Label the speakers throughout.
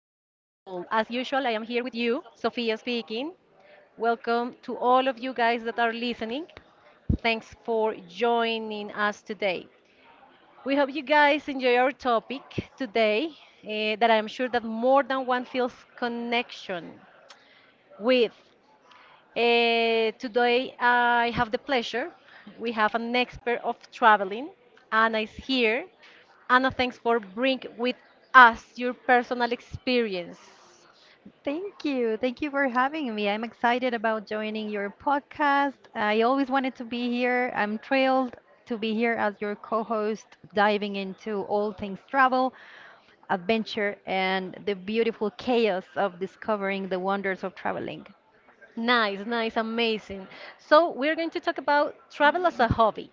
Speaker 1: As usual, I am here with you, Sophia speaking. Welcome to all of you guys that are listening. Thanks for joining us today. We hope you guys enjoy our topic today, that I'm sure that more than one feels connection with. Today I have the pleasure. We have an expert of traveling. Anna is here. Anna, thanks for bring with us your personal experience.
Speaker 2: Thank you. Thank you for having me. I'm excited about joining your podcast. I always wanted to be here. I'm thrilled to be here as your co host, diving into all things travel, adventure, and the beautiful chaos of discovering the wonders of traveling.
Speaker 1: Nice, nice, amazing. So we're going to talk about travel as a hobby.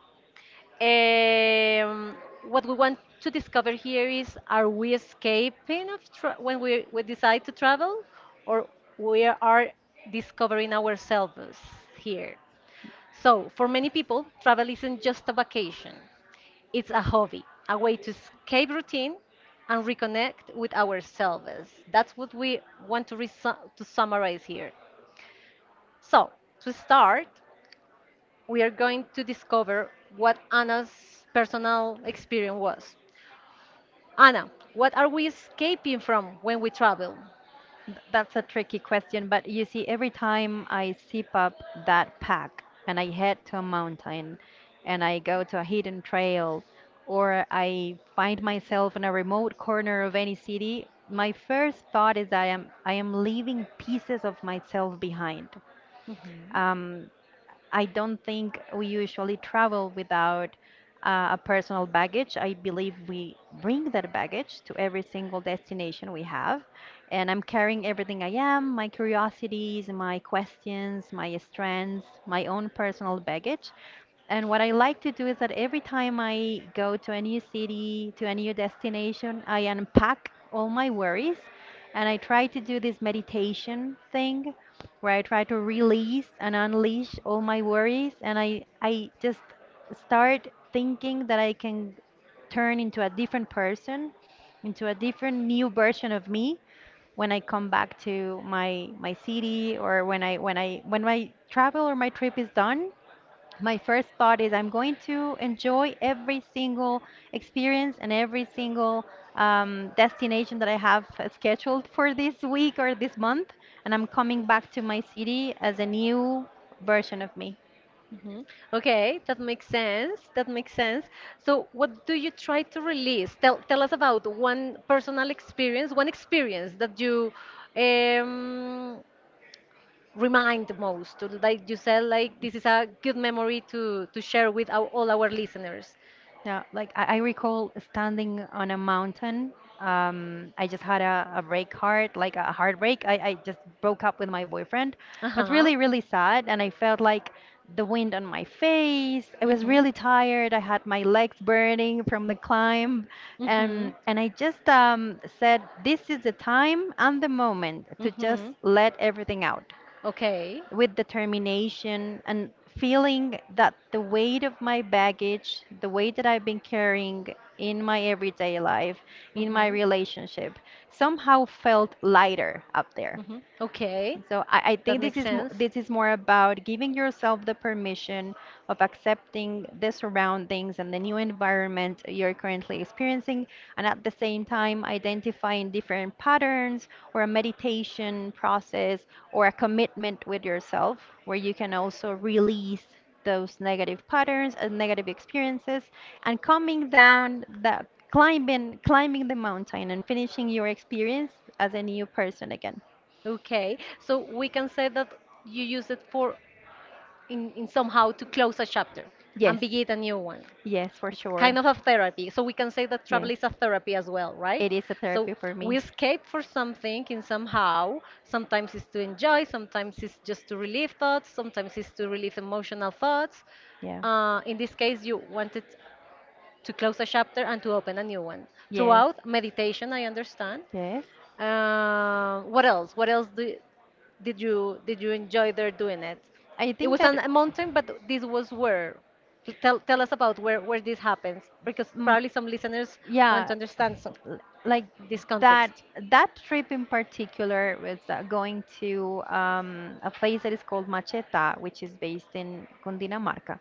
Speaker 1: Um, what we want to discover here is: Are we escaping of when we decide to travel, or we are discovering ourselves here? So, for many people, travel isn't just a vacation, it's a hobby, a way to escape routine and reconnect with ourselves. That's what we want to, to summarize here. So, to start, we are going to discover what Anna's personal experience was. Anna, what are we escaping from when we travel?
Speaker 2: That's a tricky question, but you see, every time I sip up that pack and I head to a mountain and I go to a hidden trail or I find myself in a remote corner of any city, my first thought is that I am leaving pieces of myself behind. Um, I don't think we usually travel without a personal baggage. I believe we bring that baggage to every single destination we have. And I'm carrying everything I am, my curiosities, my questions, my strengths, my own personal baggage. And what I like to do is that every time I go to a new city, to a new destination, I unpack all my worries and I try to do this meditation thing where I try to release and unleash all my worries and I just start thinking that I can turn into a different person, into a different new version of me when I come back to my city or when I when I when my travel or my trip is done, my first thought is I'm going to enjoy every single experience and every single destination that I have scheduled for this week or this month. And I'm coming back to my city as a new version of me.
Speaker 1: Mhm. Okay, that makes sense. That makes sense. So, what do you try to release? Tell us about one personal experience, one experience that you um, remind the most. Like you said, like this is a good memory to share with our, all our listeners.
Speaker 2: Yeah, like I recall standing on a mountain. I just had a break heart, like a heartbreak. I just broke up with my boyfriend.
Speaker 1: Uh
Speaker 2: It was
Speaker 1: huh.
Speaker 2: really, really sad, and I felt like the wind on my face. I was
Speaker 1: Mhm.
Speaker 2: really tired. I had my legs burning from the climb,
Speaker 1: Mhm.
Speaker 2: and I just said, "This is the time and the moment to just
Speaker 1: Mhm.
Speaker 2: let everything out,"
Speaker 1: Okay.
Speaker 2: with determination and feeling that the weight of my baggage, the weight that I've been carrying in my everyday life, in my
Speaker 1: Mhm.
Speaker 2: relationship, somehow felt lighter up there.
Speaker 1: Mhm. Okay.
Speaker 2: So I
Speaker 1: That
Speaker 2: think this
Speaker 1: makes sense.
Speaker 2: this is more about giving yourself the permission of accepting the surroundings and the new environment you're currently experiencing, and at the same time identifying different patterns or a meditation process or a commitment with yourself where you can also release those negative patterns and negative experiences and coming down the climbing the mountain and finishing your experience as a new person again.
Speaker 1: Okay. So we can say that you use it for in somehow to close a chapter and
Speaker 2: Yes.
Speaker 1: begin a new one.
Speaker 2: Yes, for
Speaker 1: It's
Speaker 2: sure.
Speaker 1: kind of a therapy. So we can say that travel
Speaker 2: Yes,
Speaker 1: is a therapy as well, right?
Speaker 2: it is a
Speaker 1: So
Speaker 2: therapy for
Speaker 1: we
Speaker 2: me.
Speaker 1: escape for something in somehow. Sometimes it's to enjoy, sometimes it's just to relieve thoughts, sometimes it's to relieve emotional thoughts.
Speaker 2: Yeah.
Speaker 1: In this case, you wanted to close a chapter and to open a new one.
Speaker 2: Yes.
Speaker 1: Throughout meditation, I understand,
Speaker 2: Yes.
Speaker 1: what else? What else do did you enjoy there doing it?
Speaker 2: I
Speaker 1: It
Speaker 2: think
Speaker 1: was
Speaker 2: that.
Speaker 1: on a mountain, but this was where. Tell us about where this happens, because
Speaker 2: Mm,
Speaker 1: probably some listeners want to
Speaker 2: yeah,
Speaker 1: understand some,
Speaker 2: l- like
Speaker 1: this
Speaker 2: that
Speaker 1: context.
Speaker 2: that trip in particular was going to a place that is called Macheta, which is based in Cundinamarca,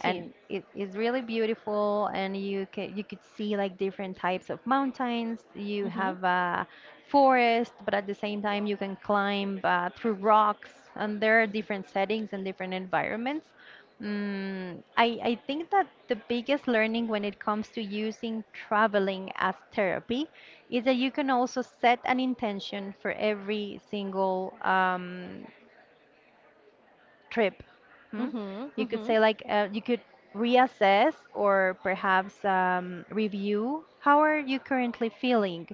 Speaker 2: and it's really beautiful and you can you could see like different types of mountains. You
Speaker 1: Mhm.
Speaker 2: have a forest but at the same time you can climb through rocks, and there are different settings and different environments. Mm, I think that the biggest learning when it comes to using traveling as therapy is that you can also set an intention for every single trip. Hmm?
Speaker 1: Mhm.
Speaker 2: You could
Speaker 1: Mhm.
Speaker 2: say like you could reassess or perhaps review how are you currently feeling?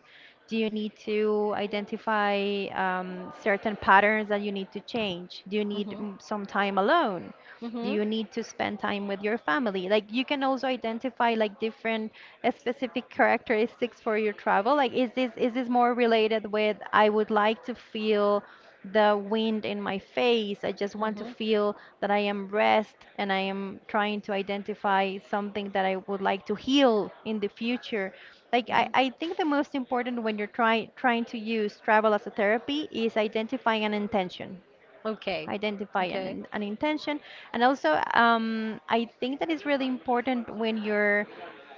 Speaker 2: Do you need to identify certain patterns that you need to change? Do you need
Speaker 1: Mhm.
Speaker 2: some time alone? Do
Speaker 1: Mhm.
Speaker 2: you need to spend time with your family? Like you can also identify like different specific characteristics for your travel. Like is this more related with I would like to feel the wind in my face. I just want to
Speaker 1: Mhm.
Speaker 2: feel that I am rest and I am trying to identify something that I would like to heal in the future. Like
Speaker 1: Mhm.
Speaker 2: I think the most important when you're trying to use travel as a therapy is identifying an intention,
Speaker 1: Okay.
Speaker 2: identify
Speaker 1: Okay.
Speaker 2: an, an intention. And also, I think that it's really important when you're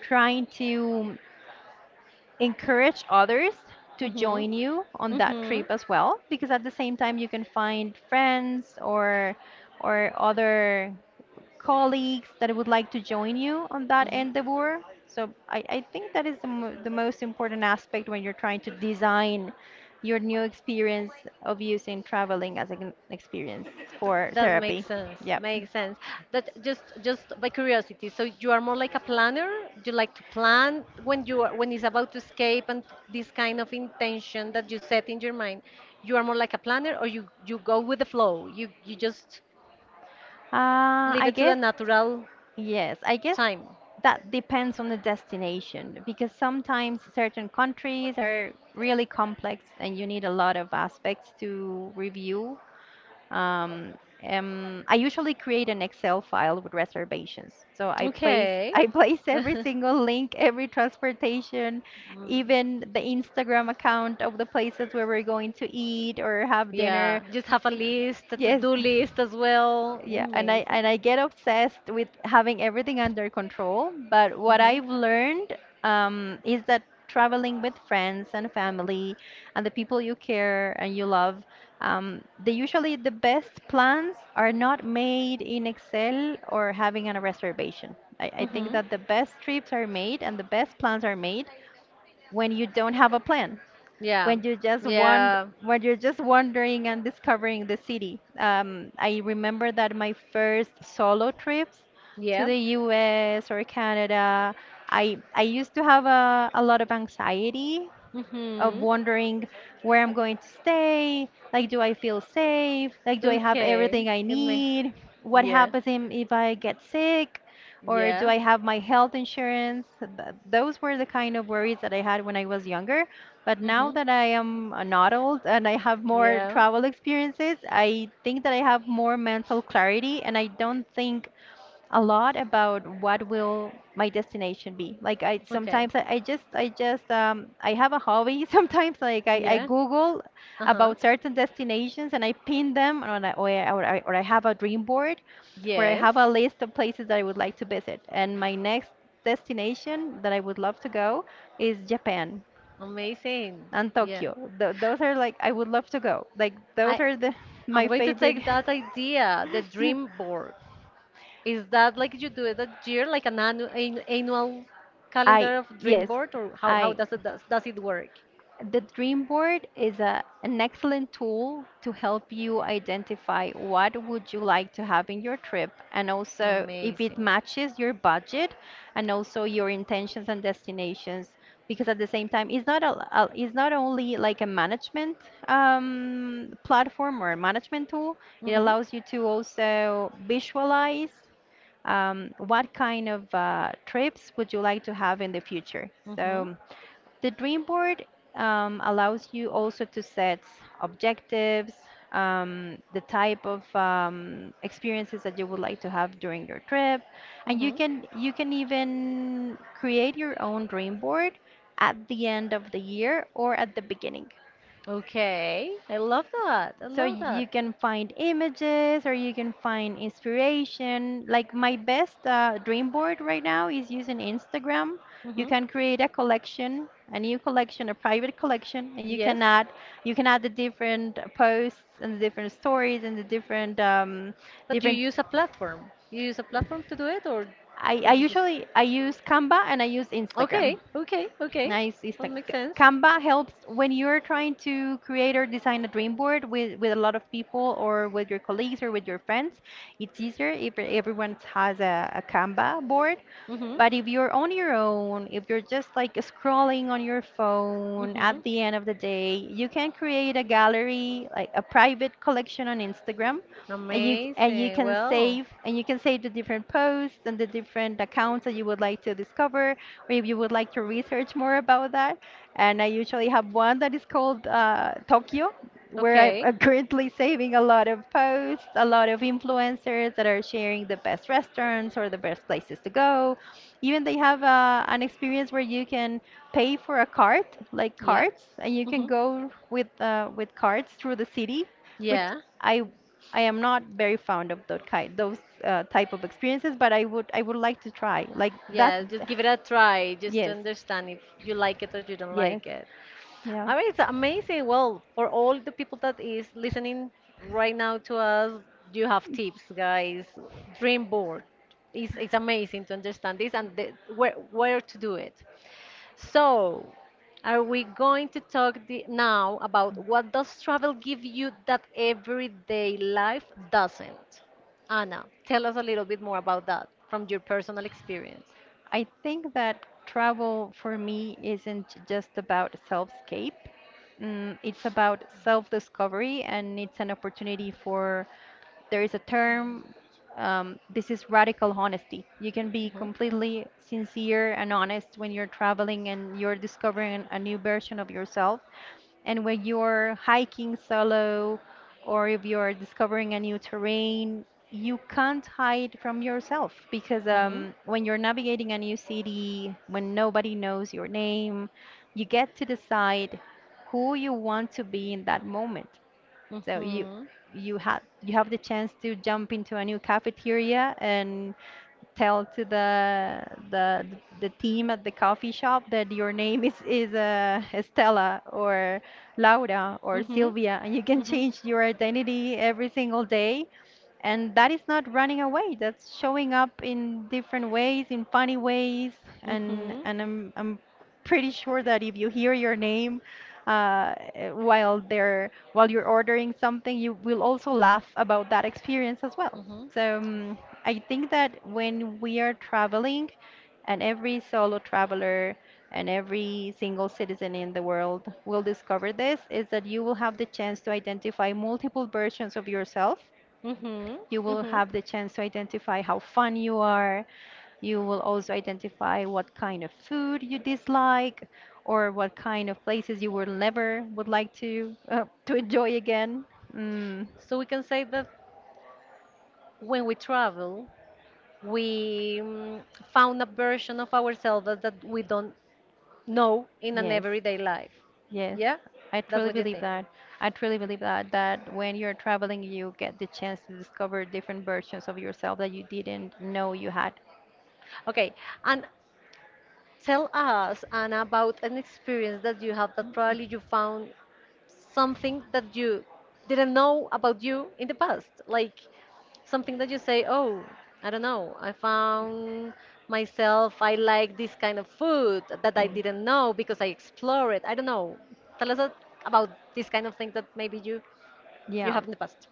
Speaker 2: trying to encourage others to
Speaker 1: Mhm.
Speaker 2: join you on that
Speaker 1: Mhm.
Speaker 2: trip as well, because at the same time you can find friends or other colleagues that would like to join you on that
Speaker 1: Mhm.
Speaker 2: endeavor. So I think that is the most important aspect when you're trying to design your new experience of using traveling as an experience for
Speaker 1: That makes
Speaker 2: therapy.
Speaker 1: sense.
Speaker 2: Yep.
Speaker 1: Makes sense. That just by curiosity. So you are more like a planner. You like to plan when you are, when it's about to escape and this kind of intention that you set in your mind. You are more like a planner, or you go with the flow. You just
Speaker 2: uh,
Speaker 1: leave
Speaker 2: I
Speaker 1: it to the
Speaker 2: guess,
Speaker 1: natural
Speaker 2: yes, I guess
Speaker 1: time.
Speaker 2: that depends on the destination because sometimes certain countries are really complex and you need a lot of aspects to review. Um, I usually create an Excel file with reservations. So I place
Speaker 1: Okay.
Speaker 2: I place every single link, every transportation,
Speaker 1: Mm.
Speaker 2: even the Instagram account of the places where we're going to eat or have
Speaker 1: Yeah.
Speaker 2: dinner.
Speaker 1: Just have a list, a
Speaker 2: Yes.
Speaker 1: to-do list as well.
Speaker 2: Yeah, and I
Speaker 1: Amazing.
Speaker 2: and I get obsessed with having everything under control. But what
Speaker 1: Mhm.
Speaker 2: I've learned is that traveling with friends and family and the people you care and you love, the usually the best plans are not made in Excel or having a reservation. I think
Speaker 1: Mhm.
Speaker 2: that the best trips are made and the best plans are made when you don't have a plan,
Speaker 1: Yeah.
Speaker 2: when you just want,
Speaker 1: Yeah.
Speaker 2: when you're just wandering and discovering the city. I remember that my first solo trips to
Speaker 1: Yeah.
Speaker 2: the US or Canada, I used to have a lot of anxiety of
Speaker 1: Mhm.
Speaker 2: wondering where I'm going to stay. Like, do I feel safe? Like, do I have everything
Speaker 1: Okay.
Speaker 2: I
Speaker 1: It may.
Speaker 2: need? What
Speaker 1: Yeah.
Speaker 2: happens if I get sick? Or do
Speaker 1: Yeah.
Speaker 2: I have my health insurance? Those were the kind of worries that I had when I was younger. But now
Speaker 1: Mhm.
Speaker 2: that I am not old and I have more
Speaker 1: Yeah.
Speaker 2: travel experiences, I think that I have more mental clarity and I don't think a lot about what will my destination be. Like I
Speaker 1: Okay.
Speaker 2: sometimes I just I have a hobby sometimes like I
Speaker 1: Yeah.
Speaker 2: Google
Speaker 1: Uh-huh.
Speaker 2: about certain destinations and I pin them on a, or, I, or I or I have a dream board where I
Speaker 1: Yes.
Speaker 2: have a list of places that I would like to visit. And my next destination that I would love to go is Japan
Speaker 1: Amazing.
Speaker 2: and
Speaker 1: Yeah.
Speaker 2: Tokyo. Th those are like I would love to go. Like those
Speaker 1: I
Speaker 2: are the
Speaker 1: I'm
Speaker 2: my
Speaker 1: going to
Speaker 2: favorite.
Speaker 1: take that idea, the dream board. Is that like you do it that year, like an annual
Speaker 2: I,
Speaker 1: calendar of dream
Speaker 2: yes,
Speaker 1: board, or how
Speaker 2: I.
Speaker 1: does it does it work?
Speaker 2: The dream board is an excellent tool to help you identify what would you like to have in your trip and also if it
Speaker 1: Amazing.
Speaker 2: matches your budget and also your intentions and destinations, because at the same time it's not a, a it's not only like a management platform or a management tool. It
Speaker 1: Mhm.
Speaker 2: allows you to also visualize what kind of trips would you like to have in the future?
Speaker 1: Mhm.
Speaker 2: So, the dream board allows you also to set objectives, the type of experiences that you would like to have during your trip, and you
Speaker 1: Mhm.
Speaker 2: can you can even create your own dream board at the end of the year or at the beginning.
Speaker 1: Okay. I love that. I
Speaker 2: So y-
Speaker 1: love
Speaker 2: you
Speaker 1: that.
Speaker 2: can find images or you can find inspiration. Like my best dream board right now is using Instagram. You
Speaker 1: Mhm.
Speaker 2: can create a collection, a new collection, a private collection, and you
Speaker 1: Yes.
Speaker 2: can add you can add the different posts and the different stories and the different
Speaker 1: But you
Speaker 2: different.
Speaker 1: use a platform. You use a platform to do it, or you
Speaker 2: I
Speaker 1: just
Speaker 2: usually I use Canva and I use Instagram.
Speaker 1: okay, okay, okay.
Speaker 2: Nice.
Speaker 1: That makes sense.
Speaker 2: Canva helps when you're trying to create or design a dream board with a lot of people or with your colleagues or with your friends. It's easier if everyone has a Canva board.
Speaker 1: Mhm,
Speaker 2: But if you're on your own, if you're just like scrolling on your phone at
Speaker 1: mhm.
Speaker 2: the end of the day, you can create a gallery, like a private collection on Instagram, and you
Speaker 1: Amazing.
Speaker 2: can
Speaker 1: Well,
Speaker 2: save and you can save the different posts and the different accounts that you would like to discover, or if you would like to research more about that. And I usually have one that is called tokyo, where
Speaker 1: okay.
Speaker 2: I'm currently saving a lot of posts, a lot of influencers that are sharing the best restaurants or the best places to go. Even they have an experience where you can pay for a cart, like
Speaker 1: Yeah.
Speaker 2: carts, and you can
Speaker 1: Mhm.
Speaker 2: go with carts through the city, which
Speaker 1: Yeah.
Speaker 2: I I am not very fond of that kind, those type of experiences, but I would like to try. Like that,
Speaker 1: Yeah. Just give it a try, just to
Speaker 2: yes,
Speaker 1: understand if you like it or you don't
Speaker 2: yes,
Speaker 1: like it.
Speaker 2: yeah.
Speaker 1: I mean, it's amazing. Well, for all the people that is listening right now to us, you have tips, guys. Dream board. It's amazing to understand this and the, where to do it. So, are we going to talk the, now about what does travel give you that everyday life doesn't? Anna, tell us a little bit more about that from your personal experience.
Speaker 2: I think that travel for me isn't just about self-scape. Mm, it's about self-discovery and it's an opportunity for there is a term this is radical honesty. You can be
Speaker 1: Mhm,
Speaker 2: completely sincere and honest when you're traveling and you're discovering a new version of yourself, and when you're hiking solo or if you're discovering a new terrain, you can't hide from yourself because
Speaker 1: mhm,
Speaker 2: when you're navigating a new city, when nobody knows your name, you get to decide who you want to be in that moment. So you
Speaker 1: mhm,
Speaker 2: you have you have the chance to jump into a new cafeteria and tell to the the team at the coffee shop that your name is Estela or Laura or
Speaker 1: mhm,
Speaker 2: Sylvia, and you can
Speaker 1: mhm,
Speaker 2: change your identity every single day. And that is not running away. That's showing up in different ways, in funny ways, and
Speaker 1: mhm,
Speaker 2: and I'm I'm pretty sure that if you hear your name while you're ordering something, you will also laugh about that experience as well.
Speaker 1: mhm,
Speaker 2: So I think that when we are traveling, and every solo traveler and every single citizen in the world will discover this, is that you will have the chance to identify multiple versions of yourself.
Speaker 1: mhm,
Speaker 2: You will
Speaker 1: mhm.
Speaker 2: have the chance to identify how fun you are. You will also identify what kind of food you dislike, or what kind of places you will never would like to enjoy again. Mm.
Speaker 1: So we can say that when we travel, we found a version of ourselves that we don't know in an
Speaker 2: Yes.
Speaker 1: everyday life.
Speaker 2: Yes,
Speaker 1: Yeah,
Speaker 2: I
Speaker 1: that's
Speaker 2: truly
Speaker 1: what you
Speaker 2: believe
Speaker 1: think.
Speaker 2: that. I truly believe that that when you're traveling, you get the chance to discover different versions of yourself that you didn't know you had.
Speaker 1: Okay, and tell us, Anna, about an experience that you have that probably you found something that you didn't know about you in the past, like something that you say, oh, I don't know, I found myself, I like this kind of food that I
Speaker 2: Yeah.
Speaker 1: didn't know because I explored it. I don't know. Tell us a- about this kind of thing that maybe you
Speaker 2: Yeah.
Speaker 1: have in the past.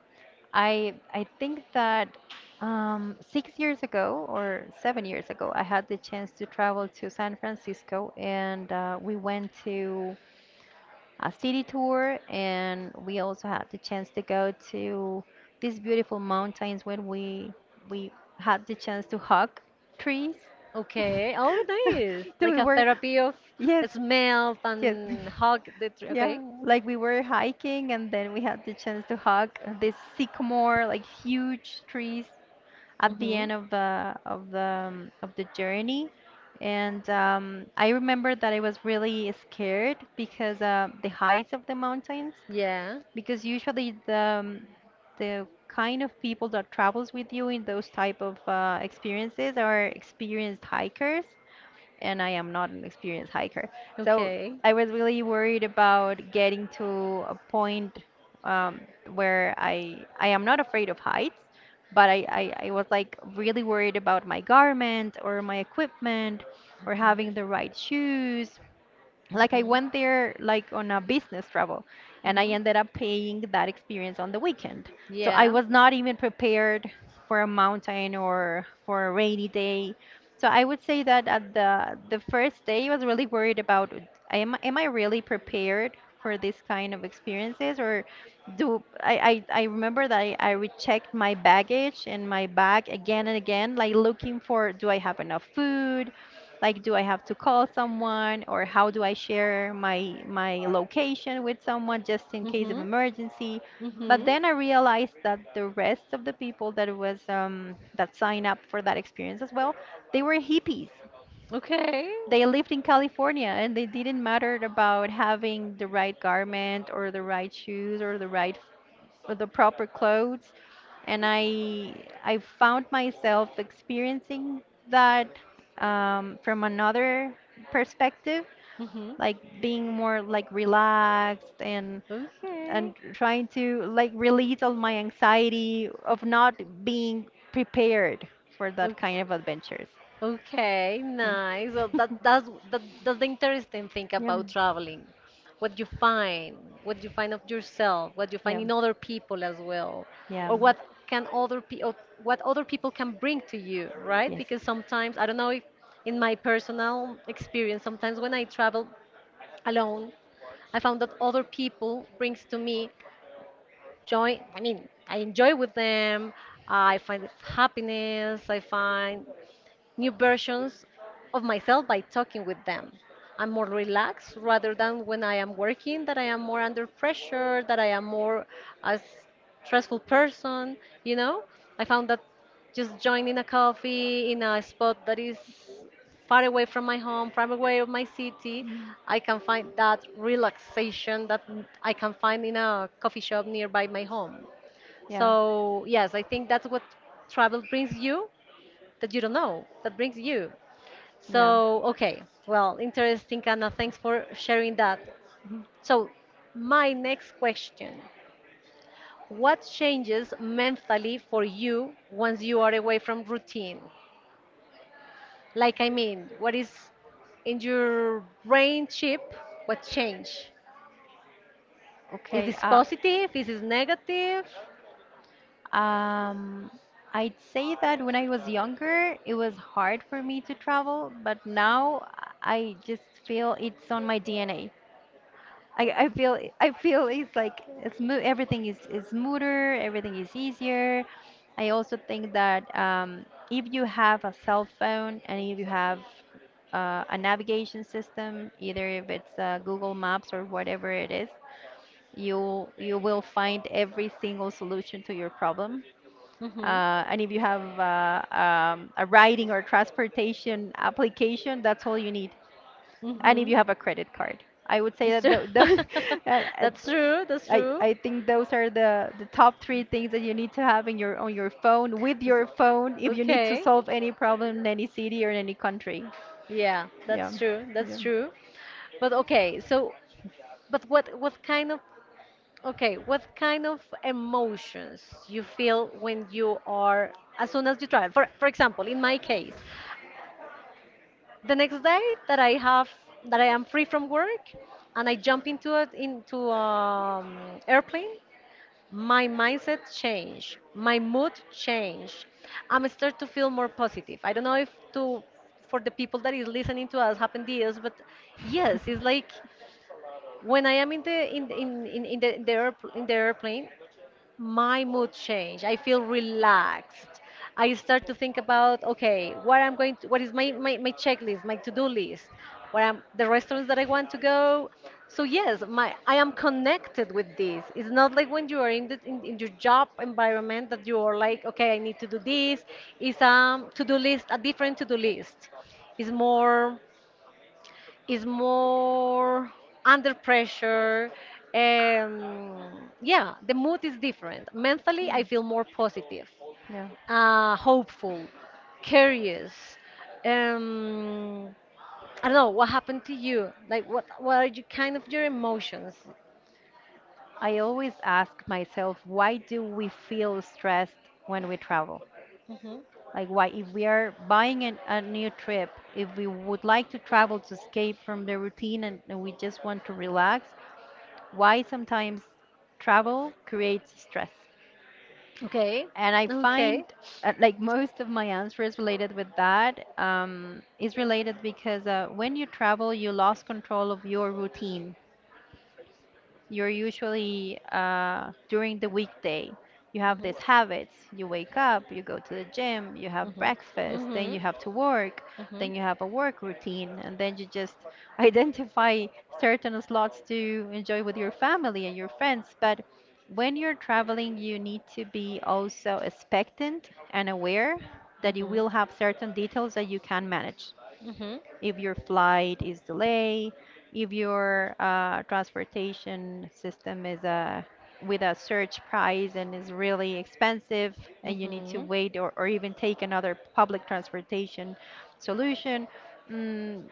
Speaker 2: I think that 6 years ago or 7 years ago, I had the chance to travel to San Francisco, and we went to a city tour, and we also had the chance to go to these beautiful mountains when we had the chance to hug trees.
Speaker 1: Okay. Oh, nice.
Speaker 2: So
Speaker 1: Like
Speaker 2: we
Speaker 1: a
Speaker 2: were,
Speaker 1: therapy of
Speaker 2: yes,
Speaker 1: smells
Speaker 2: yes.
Speaker 1: and hug the tree.
Speaker 2: Yeah,
Speaker 1: Okay.
Speaker 2: like we were hiking and then we had the chance to hug this sycamore, like huge trees at the
Speaker 1: Mm-hmm.
Speaker 2: end of the of the journey. And I remember that I was really scared because the heights of the mountains,
Speaker 1: Yeah.
Speaker 2: because usually the kind of people that travels with you in those type of experiences are experienced hikers, and I am not an experienced hiker. So
Speaker 1: Okay.
Speaker 2: I was really worried about getting to a point um, where I am not afraid of heights, but I was like really worried about my garment or my equipment or
Speaker 1: Mm-hmm.
Speaker 2: having the right shoes. Like I
Speaker 1: Mm-hmm.
Speaker 2: went there like on a business travel and I
Speaker 1: Mm-hmm.
Speaker 2: ended up paying that experience on the weekend. So I
Speaker 1: Yeah.
Speaker 2: was not even prepared for a mountain or for a rainy day. So I would say that at the first day I was really worried about am I really prepared for this kind of experiences, or I remember that I rechecked my baggage and my bag again and again like looking for, do I have enough food, like, do I have to call someone, or how do I share my my location with someone just in case of
Speaker 1: Mm-hmm.
Speaker 2: emergency? But
Speaker 1: Mm-hmm.
Speaker 2: then I realized that the rest of the people that was that signed up for that experience as well, they were hippies.
Speaker 1: Okay.
Speaker 2: They lived in California and they didn't matter about having the right garment or the right shoes or the right or the proper clothes, and I found myself experiencing that from another perspective,
Speaker 1: Mm-hmm.
Speaker 2: like being more like relaxed and
Speaker 1: Okay.
Speaker 2: trying to like release all my anxiety of not being prepared for that
Speaker 1: Okay.
Speaker 2: kind of adventures. Hmm.
Speaker 1: Okay, nice. Well, that that's the interesting thing
Speaker 2: Yeah,
Speaker 1: about traveling. What you find, what you find of yourself, what you find
Speaker 2: yeah.
Speaker 1: in other people as well,
Speaker 2: Yeah.
Speaker 1: or what can other pe or what other people can bring to you, right?
Speaker 2: Yes.
Speaker 1: Because sometimes I don't know if in my personal experience, sometimes when I travel alone, I found that other people brings to me joy. I mean, I enjoy with them. I find happiness. I find new versions of myself by talking with them. I'm more relaxed rather than when I am working, that I am more under pressure, that I am more a stressful person, you know? I found that just joining a coffee in a spot that is far away from my home, far away of my city, I can find that relaxation that I can find in a coffee shop nearby my home.
Speaker 2: Yeah.
Speaker 1: So, yes, I think that's what travel brings you that you don't know that brings you.
Speaker 2: Yeah.
Speaker 1: So, okay, well, interesting, Anna. Thanks for sharing that.
Speaker 2: Mhm.
Speaker 1: So, my next question. What changes mentally for you once you are away from routine? Like, I mean, what is in your brain chip? What change? Is
Speaker 2: Okay.
Speaker 1: this positive? Is this negative?
Speaker 2: Um, I'd say that when I was younger, it was hard for me to travel, but now I just feel it's on my DNA. I feel, I feel it's like it's everything is smoother, everything is easier. I also think that if you have a cell phone and if you have a navigation system, either if it's Google Maps or whatever it is, you will find every single solution to your problem.
Speaker 1: Mm-hmm.
Speaker 2: And if you have a riding or transportation application, that's all you need, and if
Speaker 1: Mm-hmm.
Speaker 2: you have a credit card. I would say
Speaker 1: It's
Speaker 2: that
Speaker 1: true.
Speaker 2: those, and
Speaker 1: That's true. That's
Speaker 2: I,
Speaker 1: true.
Speaker 2: I think those are the top three things that you need to have in your on your phone with
Speaker 1: S-
Speaker 2: your phone if you need to
Speaker 1: Okay.
Speaker 2: solve any problem in any city or in any country.
Speaker 1: Yeah,
Speaker 2: Yeah,
Speaker 1: that's true.
Speaker 2: yeah.
Speaker 1: That's true. But okay, so but what kind of okay, what kind of emotions you feel when you are as soon as you travel? For example, in my case, the next day that I have that I am free from work and I jump into it into airplane, my mindset changed, my mood changed. I'm start to feel more positive. I don't know if to for the people that is listening to us happen this, but yes, it's like when I am in the, in the, airpl- in the airplane my mood change. I feel relaxed. I start to think about, okay, what I'm going to, what is my checklist, my to-do list, what I'm, the restaurants that I want to go. So yes, my, I am connected with this. It's not like when you are in, in your job environment that you are like, okay, I need to do this. It's a to-do list, a different to-do list. It's more is more under pressure. Yeah, the mood is different. Mentally, I feel more positive,
Speaker 2: Yeah.
Speaker 1: hopeful, curious. Um, I don't know what happened to you. Like, what are you kind of your emotions?
Speaker 2: I always ask myself, why do we feel stressed when we travel?
Speaker 1: Hmm.
Speaker 2: Like, why, if we are buying a new trip, if we would like to travel to escape from the routine, and we just want to relax, why sometimes travel creates stress?
Speaker 1: Okay,
Speaker 2: And I find
Speaker 1: okay.
Speaker 2: like most of my answers related with that is related because when you travel, you lost control of your routine. You're usually during the weekday. You have
Speaker 1: Hmm.
Speaker 2: these habits. You wake up, you go to the gym, you have
Speaker 1: Hmm.
Speaker 2: breakfast, then
Speaker 1: Hmm.
Speaker 2: you have to work,
Speaker 1: Hmm.
Speaker 2: then you have a work routine, and then you just identify certain slots to enjoy with your family and your friends. But when you're traveling, you need to be also expectant and aware that you
Speaker 1: Hmm.
Speaker 2: will have certain details that you can manage.
Speaker 1: Hmm.
Speaker 2: If your flight is delayed, if your transportation system is a with a surge price and is really expensive and you need to
Speaker 1: Hmm.
Speaker 2: wait, or even take another public transportation solution. Mm,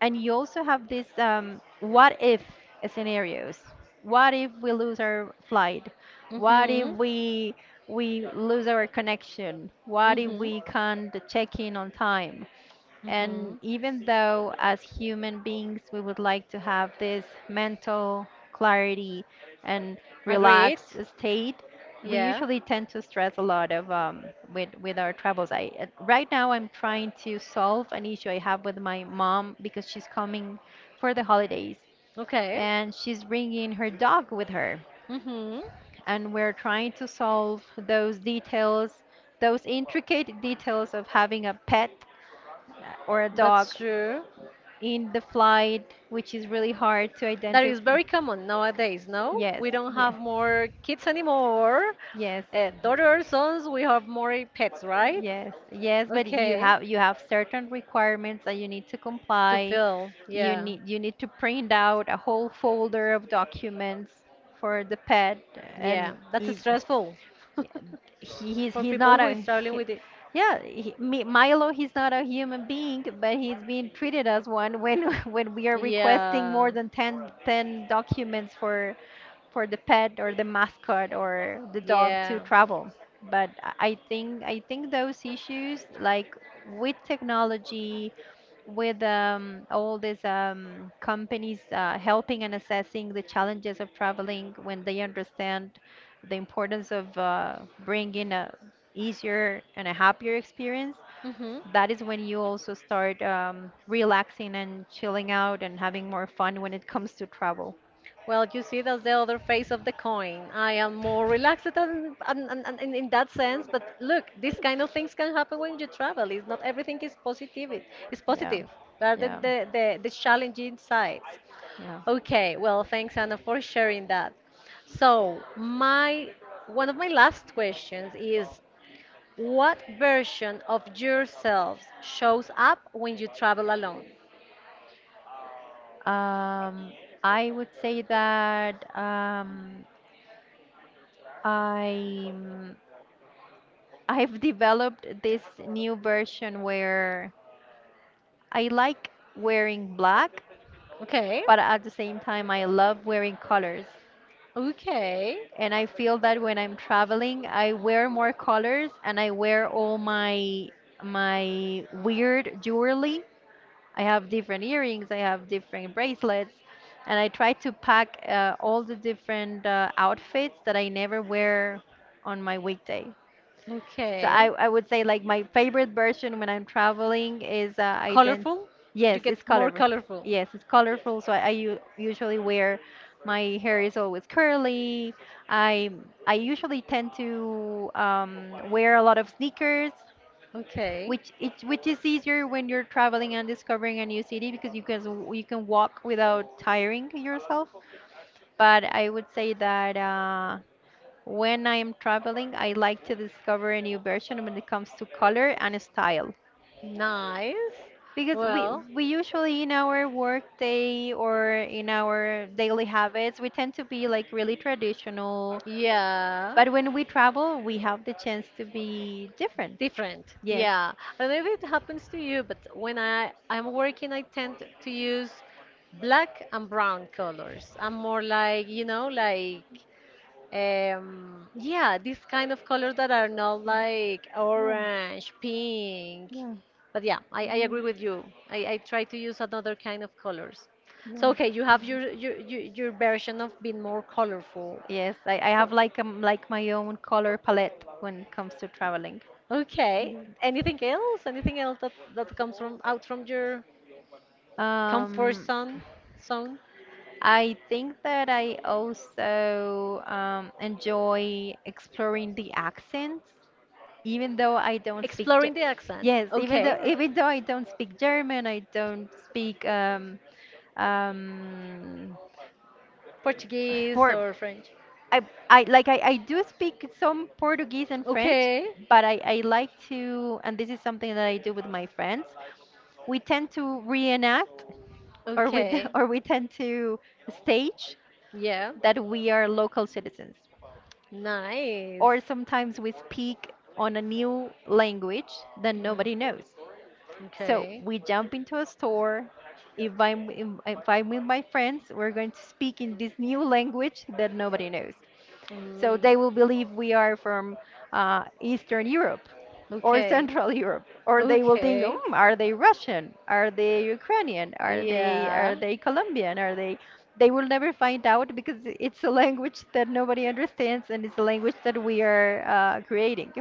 Speaker 2: and you also have this what if scenarios. What if we lose our flight? What if
Speaker 1: Hmm.
Speaker 2: we lose our connection? What if
Speaker 1: Hmm.
Speaker 2: we can't check in on time?
Speaker 1: Hmm.
Speaker 2: And even though, as human beings, we would like to have this mental clarity and
Speaker 1: Agreed.
Speaker 2: relaxed state, we
Speaker 1: Yeah.
Speaker 2: usually tend to stress a lot of with our travels. I Right now I'm trying to solve an issue I have with my mom because she's coming for the holidays,
Speaker 1: Okay.
Speaker 2: and she's bringing her dog with her,
Speaker 1: Mm-hmm.
Speaker 2: and we're trying to solve those details, those intricate details of having a pet uh, or a dog
Speaker 1: That's true.
Speaker 2: in the flight, which is really hard to
Speaker 1: That is
Speaker 2: identify.
Speaker 1: very common nowadays, no?
Speaker 2: Yes,
Speaker 1: We don't
Speaker 2: yeah,
Speaker 1: have more kids anymore.
Speaker 2: yes.
Speaker 1: Daughters, sons, we have more pets, right?
Speaker 2: Yes, yes, but you
Speaker 1: Okay.
Speaker 2: have you have certain requirements that you need to
Speaker 1: To
Speaker 2: comply.
Speaker 1: fill.
Speaker 2: You
Speaker 1: Yeah.
Speaker 2: need you need to print out a whole folder of documents for the pet,
Speaker 1: Yeah.
Speaker 2: and
Speaker 1: That's
Speaker 2: if,
Speaker 1: stressful
Speaker 2: he, he's
Speaker 1: for
Speaker 2: he's
Speaker 1: people
Speaker 2: not
Speaker 1: who is
Speaker 2: a
Speaker 1: struggling with it.
Speaker 2: yeah he, Milo, he's not a human being, but he's being treated as one when when we are requesting
Speaker 1: Yeah.
Speaker 2: more than 10 10 documents for the pet or the mascot or the dog to
Speaker 1: Yeah.
Speaker 2: travel. But I think those issues, like with technology, with all these companies helping and assessing the challenges of traveling, when they understand the importance of bringing a easier and a happier experience,
Speaker 1: Mm-hmm.
Speaker 2: that is when you also start relaxing and chilling out and having more fun when it comes to travel.
Speaker 1: Well, you see, that's the other face of the coin. I am more relaxed and in that sense, but look, these kind of things can happen when you travel. It's not everything is positive. It- It's
Speaker 2: Yeah.
Speaker 1: positive. There are the,
Speaker 2: Yeah.
Speaker 1: the challenging sides.
Speaker 2: Yeah.
Speaker 1: Okay, well, thanks, Anna, for sharing that. So, my one of my last questions is, what version of yourselves shows up when you travel alone?
Speaker 2: Um, I would say that I I've developed this new version where I like wearing black,
Speaker 1: Okay,
Speaker 2: but at the same time I love wearing colors.
Speaker 1: okay,
Speaker 2: And I feel that when I'm traveling, I wear more colors and I wear all my my weird jewelry. I have different earrings, I have different bracelets, and I try to pack all the different outfits that I never wear on my weekday. So I,
Speaker 1: okay.
Speaker 2: I would say like my favorite version when I'm traveling is I then
Speaker 1: Colorful? You
Speaker 2: yes, it's
Speaker 1: get more
Speaker 2: colorful.
Speaker 1: colorful.
Speaker 2: Yes, it's colorful. So I usually wear, my hair is always curly. I I usually tend to wear a lot of sneakers,
Speaker 1: Okay.
Speaker 2: which it, which is easier when you're traveling and discovering a new city because you can walk without tiring yourself. But I would say that. When I am traveling, I like to discover a new version when it comes to color and style.
Speaker 1: Nice.
Speaker 2: Because
Speaker 1: Well,
Speaker 2: we usually in our work day or in our daily habits, we tend to be like really traditional.
Speaker 1: yeah.
Speaker 2: But when we travel, we have the chance to be different.
Speaker 1: Different.
Speaker 2: Yes.
Speaker 1: Yeah. I don't know if it happens to you, but when I'm working, I tend to use black and brown colors. I'm more like, you know, like yeah, these kind of colors that are not like orange, pink.
Speaker 2: Yeah, yeah,
Speaker 1: But yeah, I agree with you. I try to use another kind of colors. So okay, you have
Speaker 2: yeah.
Speaker 1: your version of being more colorful.
Speaker 2: Yes, I
Speaker 1: So,
Speaker 2: have like my own color palette when it comes to traveling.
Speaker 1: okay. Anything else? Anything else that, that comes from out from your comfort
Speaker 2: Um,
Speaker 1: zone?
Speaker 2: I think that I also enjoy exploring the accents, even though I don't speak.
Speaker 1: Exploring the accent.
Speaker 2: Yes, even
Speaker 1: Okay,
Speaker 2: though
Speaker 1: okay.
Speaker 2: I don't speak German, I don't speak um
Speaker 1: Portuguese
Speaker 2: Por-
Speaker 1: or French.
Speaker 2: I I like I do speak some Portuguese and French,
Speaker 1: Okay.
Speaker 2: but I like to, and this is something that I do with my friends. We tend to reenact, or we
Speaker 1: Okay.
Speaker 2: or we tend to stage
Speaker 1: Yeah.
Speaker 2: that we are local citizens.
Speaker 1: Nice.
Speaker 2: Or sometimes we speak on a new language that nobody
Speaker 1: Mhm.
Speaker 2: knows. So
Speaker 1: Okay.
Speaker 2: we jump into a store. If I'm, if I'm with my friends, we're going to speak in this new language that nobody knows. So
Speaker 1: Mm.
Speaker 2: they will believe we are from Eastern Europe or
Speaker 1: Okay.
Speaker 2: Central Europe, or they will think, mm,
Speaker 1: Okay.
Speaker 2: are they Russian? Are they Ukrainian? Are they
Speaker 1: Yeah.
Speaker 2: are they Colombian? Are they? They will never find out because it's a language that nobody understands, and it's a language that we are creating.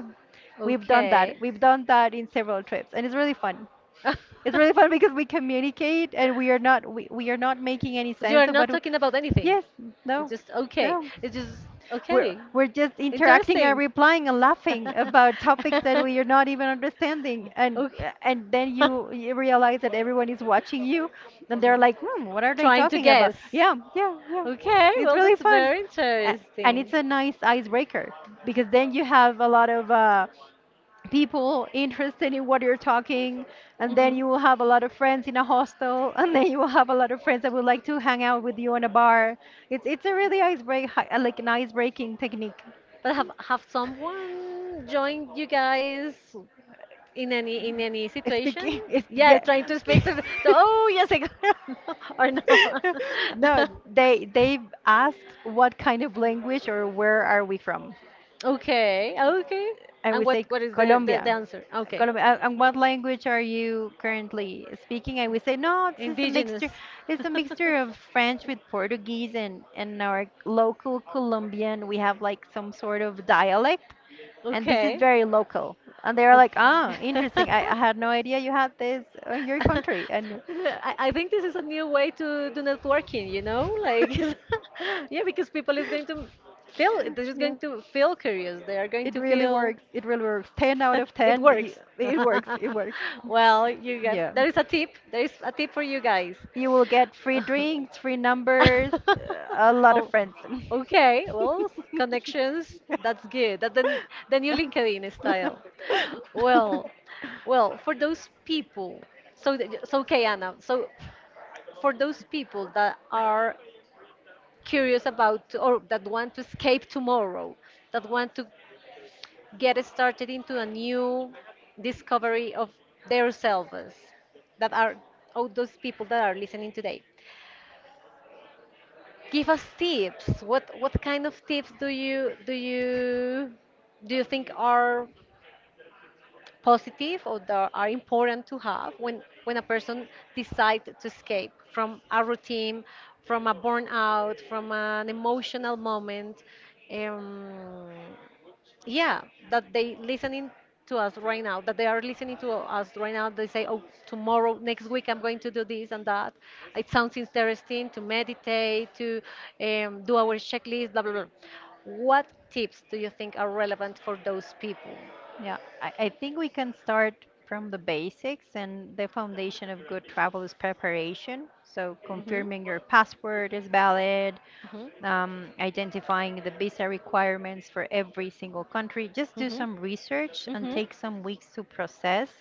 Speaker 2: We've done that.
Speaker 1: Okay.
Speaker 2: We've done that in several trips, and it's really fun.
Speaker 1: But
Speaker 2: It's really fun because we communicate, and we are not making any
Speaker 1: you are
Speaker 2: sense of
Speaker 1: not
Speaker 2: what. We,
Speaker 1: talking about anything.
Speaker 2: yes,
Speaker 1: It's
Speaker 2: no,
Speaker 1: just okay.
Speaker 2: no.
Speaker 1: It's just
Speaker 2: We're
Speaker 1: okay.
Speaker 2: we're just interacting and
Speaker 1: Interesting.
Speaker 2: replying and laughing about topics that we are not even understanding, and
Speaker 1: Okay.
Speaker 2: and then you realize that everyone is watching you, and they're like, hmm, what are they
Speaker 1: Trying to
Speaker 2: talking about?
Speaker 1: guess.
Speaker 2: Yeah, yeah, yeah.
Speaker 1: Okay,
Speaker 2: It's
Speaker 1: well,
Speaker 2: really
Speaker 1: that's
Speaker 2: fun,
Speaker 1: very
Speaker 2: A- and it's
Speaker 1: interesting.
Speaker 2: a nice icebreaker because then you have a lot of people interested in what you're talking, and
Speaker 1: Hmm.
Speaker 2: then you will have a lot of friends in a hostel and then you will have a lot of friends that would like to hang out with you in a bar. It's a really like an ice breaking technique.
Speaker 1: But have someone joined you guys in any situation
Speaker 2: Speaking, it's,
Speaker 1: yeah
Speaker 2: yeah.
Speaker 1: trying to speak to oh yes I got, or
Speaker 2: No,
Speaker 1: no
Speaker 2: they 've asked what kind of language or where are we from,
Speaker 1: okay okay
Speaker 2: and
Speaker 1: and
Speaker 2: we say
Speaker 1: what is the
Speaker 2: Colombia,
Speaker 1: answer okay
Speaker 2: Colombian. And what language are you currently speaking? I would say, no, it's just a
Speaker 1: indigenous
Speaker 2: mixture. It's a mixture of French with Portuguese and our local Colombian. We have like some sort of dialect, and this is
Speaker 1: okay
Speaker 2: very local. And they're
Speaker 1: okay
Speaker 2: like, ah, interesting. I had no idea you had this in your country. And
Speaker 1: I think this is a new way to do networking, you know, like yeah, because people is going to feel they're just
Speaker 2: yeah,
Speaker 1: going to feel curious, they are going
Speaker 2: it
Speaker 1: to
Speaker 2: really
Speaker 1: feel
Speaker 2: works. It really works. 10 out of
Speaker 1: it
Speaker 2: 10.
Speaker 1: works.
Speaker 2: It works. It works.
Speaker 1: Well, you got,
Speaker 2: Yeah.
Speaker 1: there is a tip. There is a tip for you guys.
Speaker 2: You will get free drinks, free numbers, a lot of
Speaker 1: Oh,
Speaker 2: friends.
Speaker 1: okay. Well, connections. That's good. That the new LinkedIn style. Well, well, for those people. So so okay, Anna. So for those people that are curious about or that want to escape tomorrow, that want to get started into a new discovery of themselves that are all those people that are listening today, give us tips. What kind of tips do you think are positive or that are important to have when a person decides to escape from a routine, from a burnout, from an emotional moment, um, yeah, that they listening to us right now, that they are listening to us right now, they say, oh, tomorrow, next week, I'm going to do this and that. It sounds interesting to meditate to do our checklist, blah blah blah. What tips do you think are relevant for those people?
Speaker 2: Yeah, I think we can start from the basics, and the foundation of good travel is preparation. So,
Speaker 1: Hmm.
Speaker 2: confirming your passport is valid,
Speaker 1: Hmm.
Speaker 2: identifying the visa requirements for every single country. Just do
Speaker 1: Hmm.
Speaker 2: some research and
Speaker 1: Hmm.
Speaker 2: take some weeks to process.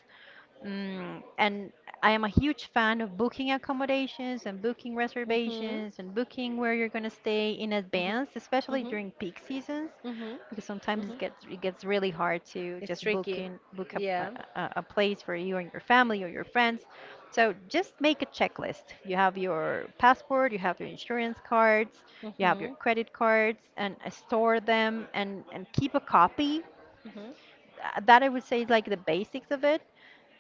Speaker 2: Mm, and I am a huge fan of booking accommodations and booking
Speaker 1: Hmm.
Speaker 2: reservations and booking where you're going to stay in
Speaker 1: Hmm.
Speaker 2: advance, especially
Speaker 1: Hmm.
Speaker 2: during peak seasons,
Speaker 1: Hmm.
Speaker 2: because sometimes it
Speaker 1: Hmm.
Speaker 2: gets it gets really hard to
Speaker 1: It's
Speaker 2: just
Speaker 1: tricky.
Speaker 2: book a,
Speaker 1: Yeah.
Speaker 2: a place for you and your family or your friends. So just make a checklist. You have your passport, you have your insurance cards,
Speaker 1: Hmm.
Speaker 2: you have your
Speaker 1: Hmm.
Speaker 2: credit cards, and store them and keep a copy,
Speaker 1: Hmm.
Speaker 2: that I would say is like the basics of it.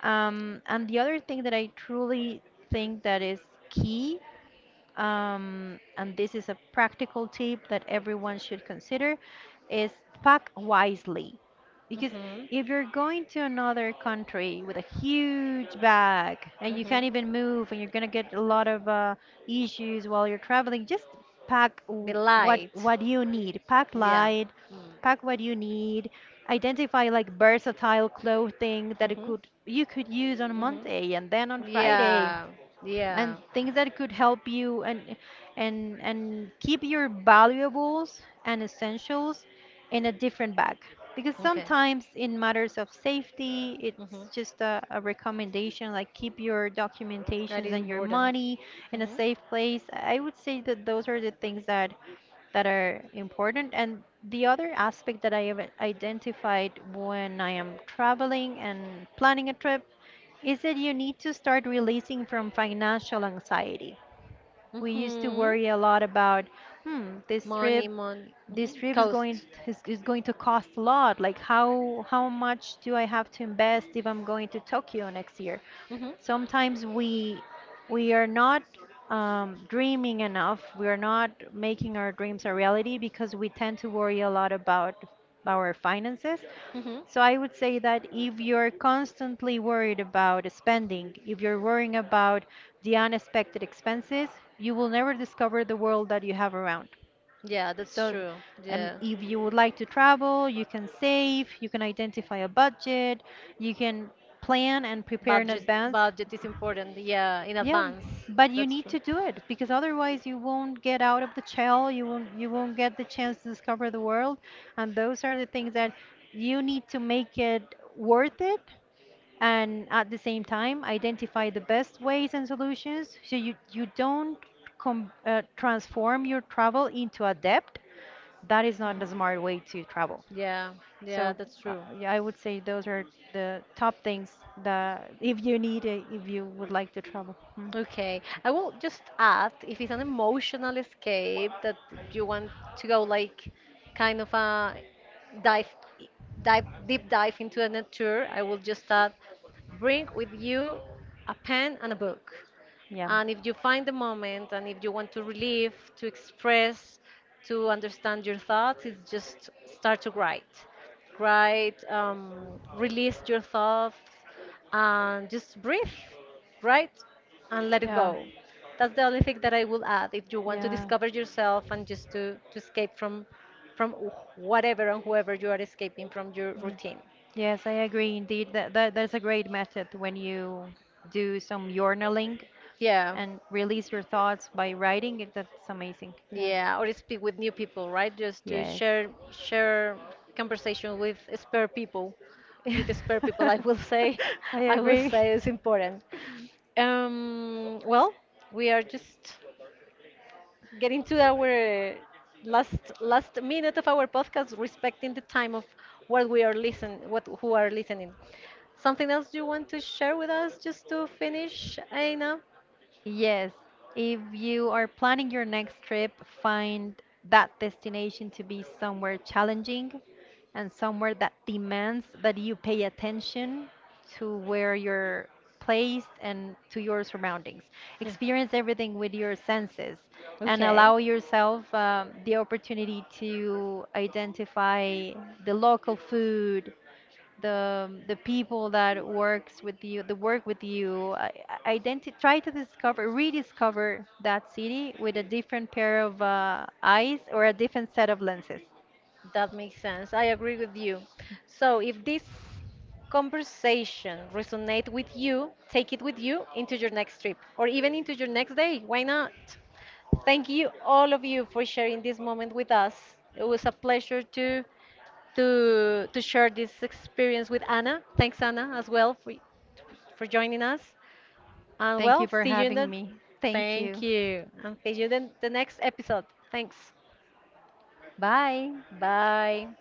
Speaker 2: And the other thing that I truly think that is key, and this is a practical tip that everyone should consider, is pack wisely. Because if you're going to another country with a huge bag and you can't
Speaker 1: Hmm.
Speaker 2: even move and you're gonna get a lot of issues while you're traveling, just pack
Speaker 1: Be
Speaker 2: w-
Speaker 1: light.
Speaker 2: what you need. Pack
Speaker 1: Yeah.
Speaker 2: light,
Speaker 1: Mm.
Speaker 2: pack what you need. Identify like versatile clothing that it
Speaker 1: Mhm.
Speaker 2: could you could use on
Speaker 1: Mhm.
Speaker 2: Monday and then on Friday,
Speaker 1: Yeah. Yeah.
Speaker 2: and things that could help you, and keep your valuables and essentials in a different bag, because
Speaker 1: Okay.
Speaker 2: sometimes in matters of safety
Speaker 1: Mhm.
Speaker 2: it's just a recommendation, like keep your
Speaker 1: That
Speaker 2: documentations
Speaker 1: is
Speaker 2: and your
Speaker 1: important.
Speaker 2: money in a
Speaker 1: Mhm.
Speaker 2: safe place. I would say that those are the things that that are important, and the other aspect that I have identified when I am traveling and planning a trip is that you need to start releasing from financial anxiety. We used to
Speaker 1: Mhm.
Speaker 2: worry a lot about, hmm, this
Speaker 1: Money,
Speaker 2: trip,
Speaker 1: money.
Speaker 2: this
Speaker 1: Mhm.
Speaker 2: trip is going
Speaker 1: Cost.
Speaker 2: is, is going to cost a lot. Like how much do I have to invest if I'm going to Tokyo next year?
Speaker 1: Mhm.
Speaker 2: Sometimes we are not dreaming enough. We are not making our dreams a reality because we tend to worry a lot about our finances.
Speaker 1: Mhm.
Speaker 2: So I would say that if you're constantly worried about spending, if you're worrying about the unexpected expenses, you will never discover the world that you have around.
Speaker 1: Yeah, that's
Speaker 2: So
Speaker 1: true. Yeah.
Speaker 2: if you would like to travel, you can save, you can identify a budget, you can plan and prepare in
Speaker 1: Budget
Speaker 2: advance,
Speaker 1: budget is important. Yeah, in
Speaker 2: yeah,
Speaker 1: advance.
Speaker 2: but you
Speaker 1: That's
Speaker 2: need
Speaker 1: true.
Speaker 2: to do it, because otherwise you won't get out of the shell, you won't get the chance to discover the world, and those are the things that you need to make it worth it, and at the same time identify the best ways and solutions so you don't com transform your travel into a debt. That is not a smart way to travel.
Speaker 1: Yeah. Yeah,
Speaker 2: So
Speaker 1: that's true.
Speaker 2: yeah, I would say those are the top things that if you need it, if you would like to travel. Mm,
Speaker 1: Okay. I will just add if it's an emotional escape that you want to go like kind of a dive dive deep dive into a nature, I will just add bring with you a pen and a book.
Speaker 2: yeah.
Speaker 1: And if you find the moment and if you want to relieve, to express, to understand your thoughts, it's just start to write. Write, release your thoughts, and just breathe, right? And let it
Speaker 2: Yeah.
Speaker 1: go. That's the only thing that I will add. If you want to
Speaker 2: Yeah.
Speaker 1: discover yourself and just to escape from whatever and whoever you are escaping from your
Speaker 2: Mm.
Speaker 1: routine.
Speaker 2: Yes, I agree indeed. That's a great method when you do some journaling
Speaker 1: Yeah.
Speaker 2: and release your thoughts by writing it. That's amazing. Yeah.
Speaker 1: Yeah, or speak with new people, right? Just to
Speaker 2: Yes.
Speaker 1: share conversation with spare people, with spare people. I will say,
Speaker 2: I
Speaker 1: I will
Speaker 2: agree.
Speaker 1: say it's important. Well, we are just getting to our last minute of our podcast, respecting the time of what we are listen, what who are listening. Something else you want to share with us just to finish, Aina?
Speaker 2: Yes, if you are planning your next trip, find that destination to be somewhere challenging and somewhere that demands that you pay attention to where you're placed and to your surroundings.
Speaker 1: Yeah.
Speaker 2: Experience everything with your senses and
Speaker 1: Okay.
Speaker 2: allow yourself the opportunity to identify the local food, the people that work with you. Try to discover, rediscover that city with a different pair of eyes or a different set of lenses.
Speaker 1: That makes sense. I agree with you. So if this conversation resonate with you, take it with you into your next trip or even into your next day. Why not? Thank you all of you for sharing this moment with us. It was a pleasure to share this experience with Anna. Thanks Anna as well for joining us. And
Speaker 2: Thank
Speaker 1: well,
Speaker 2: you for
Speaker 1: see you in
Speaker 2: having
Speaker 1: the
Speaker 2: me. Thank
Speaker 1: thank
Speaker 2: you.
Speaker 1: you. And see you in the next episode. Thanks.
Speaker 2: Bye.
Speaker 1: Bye.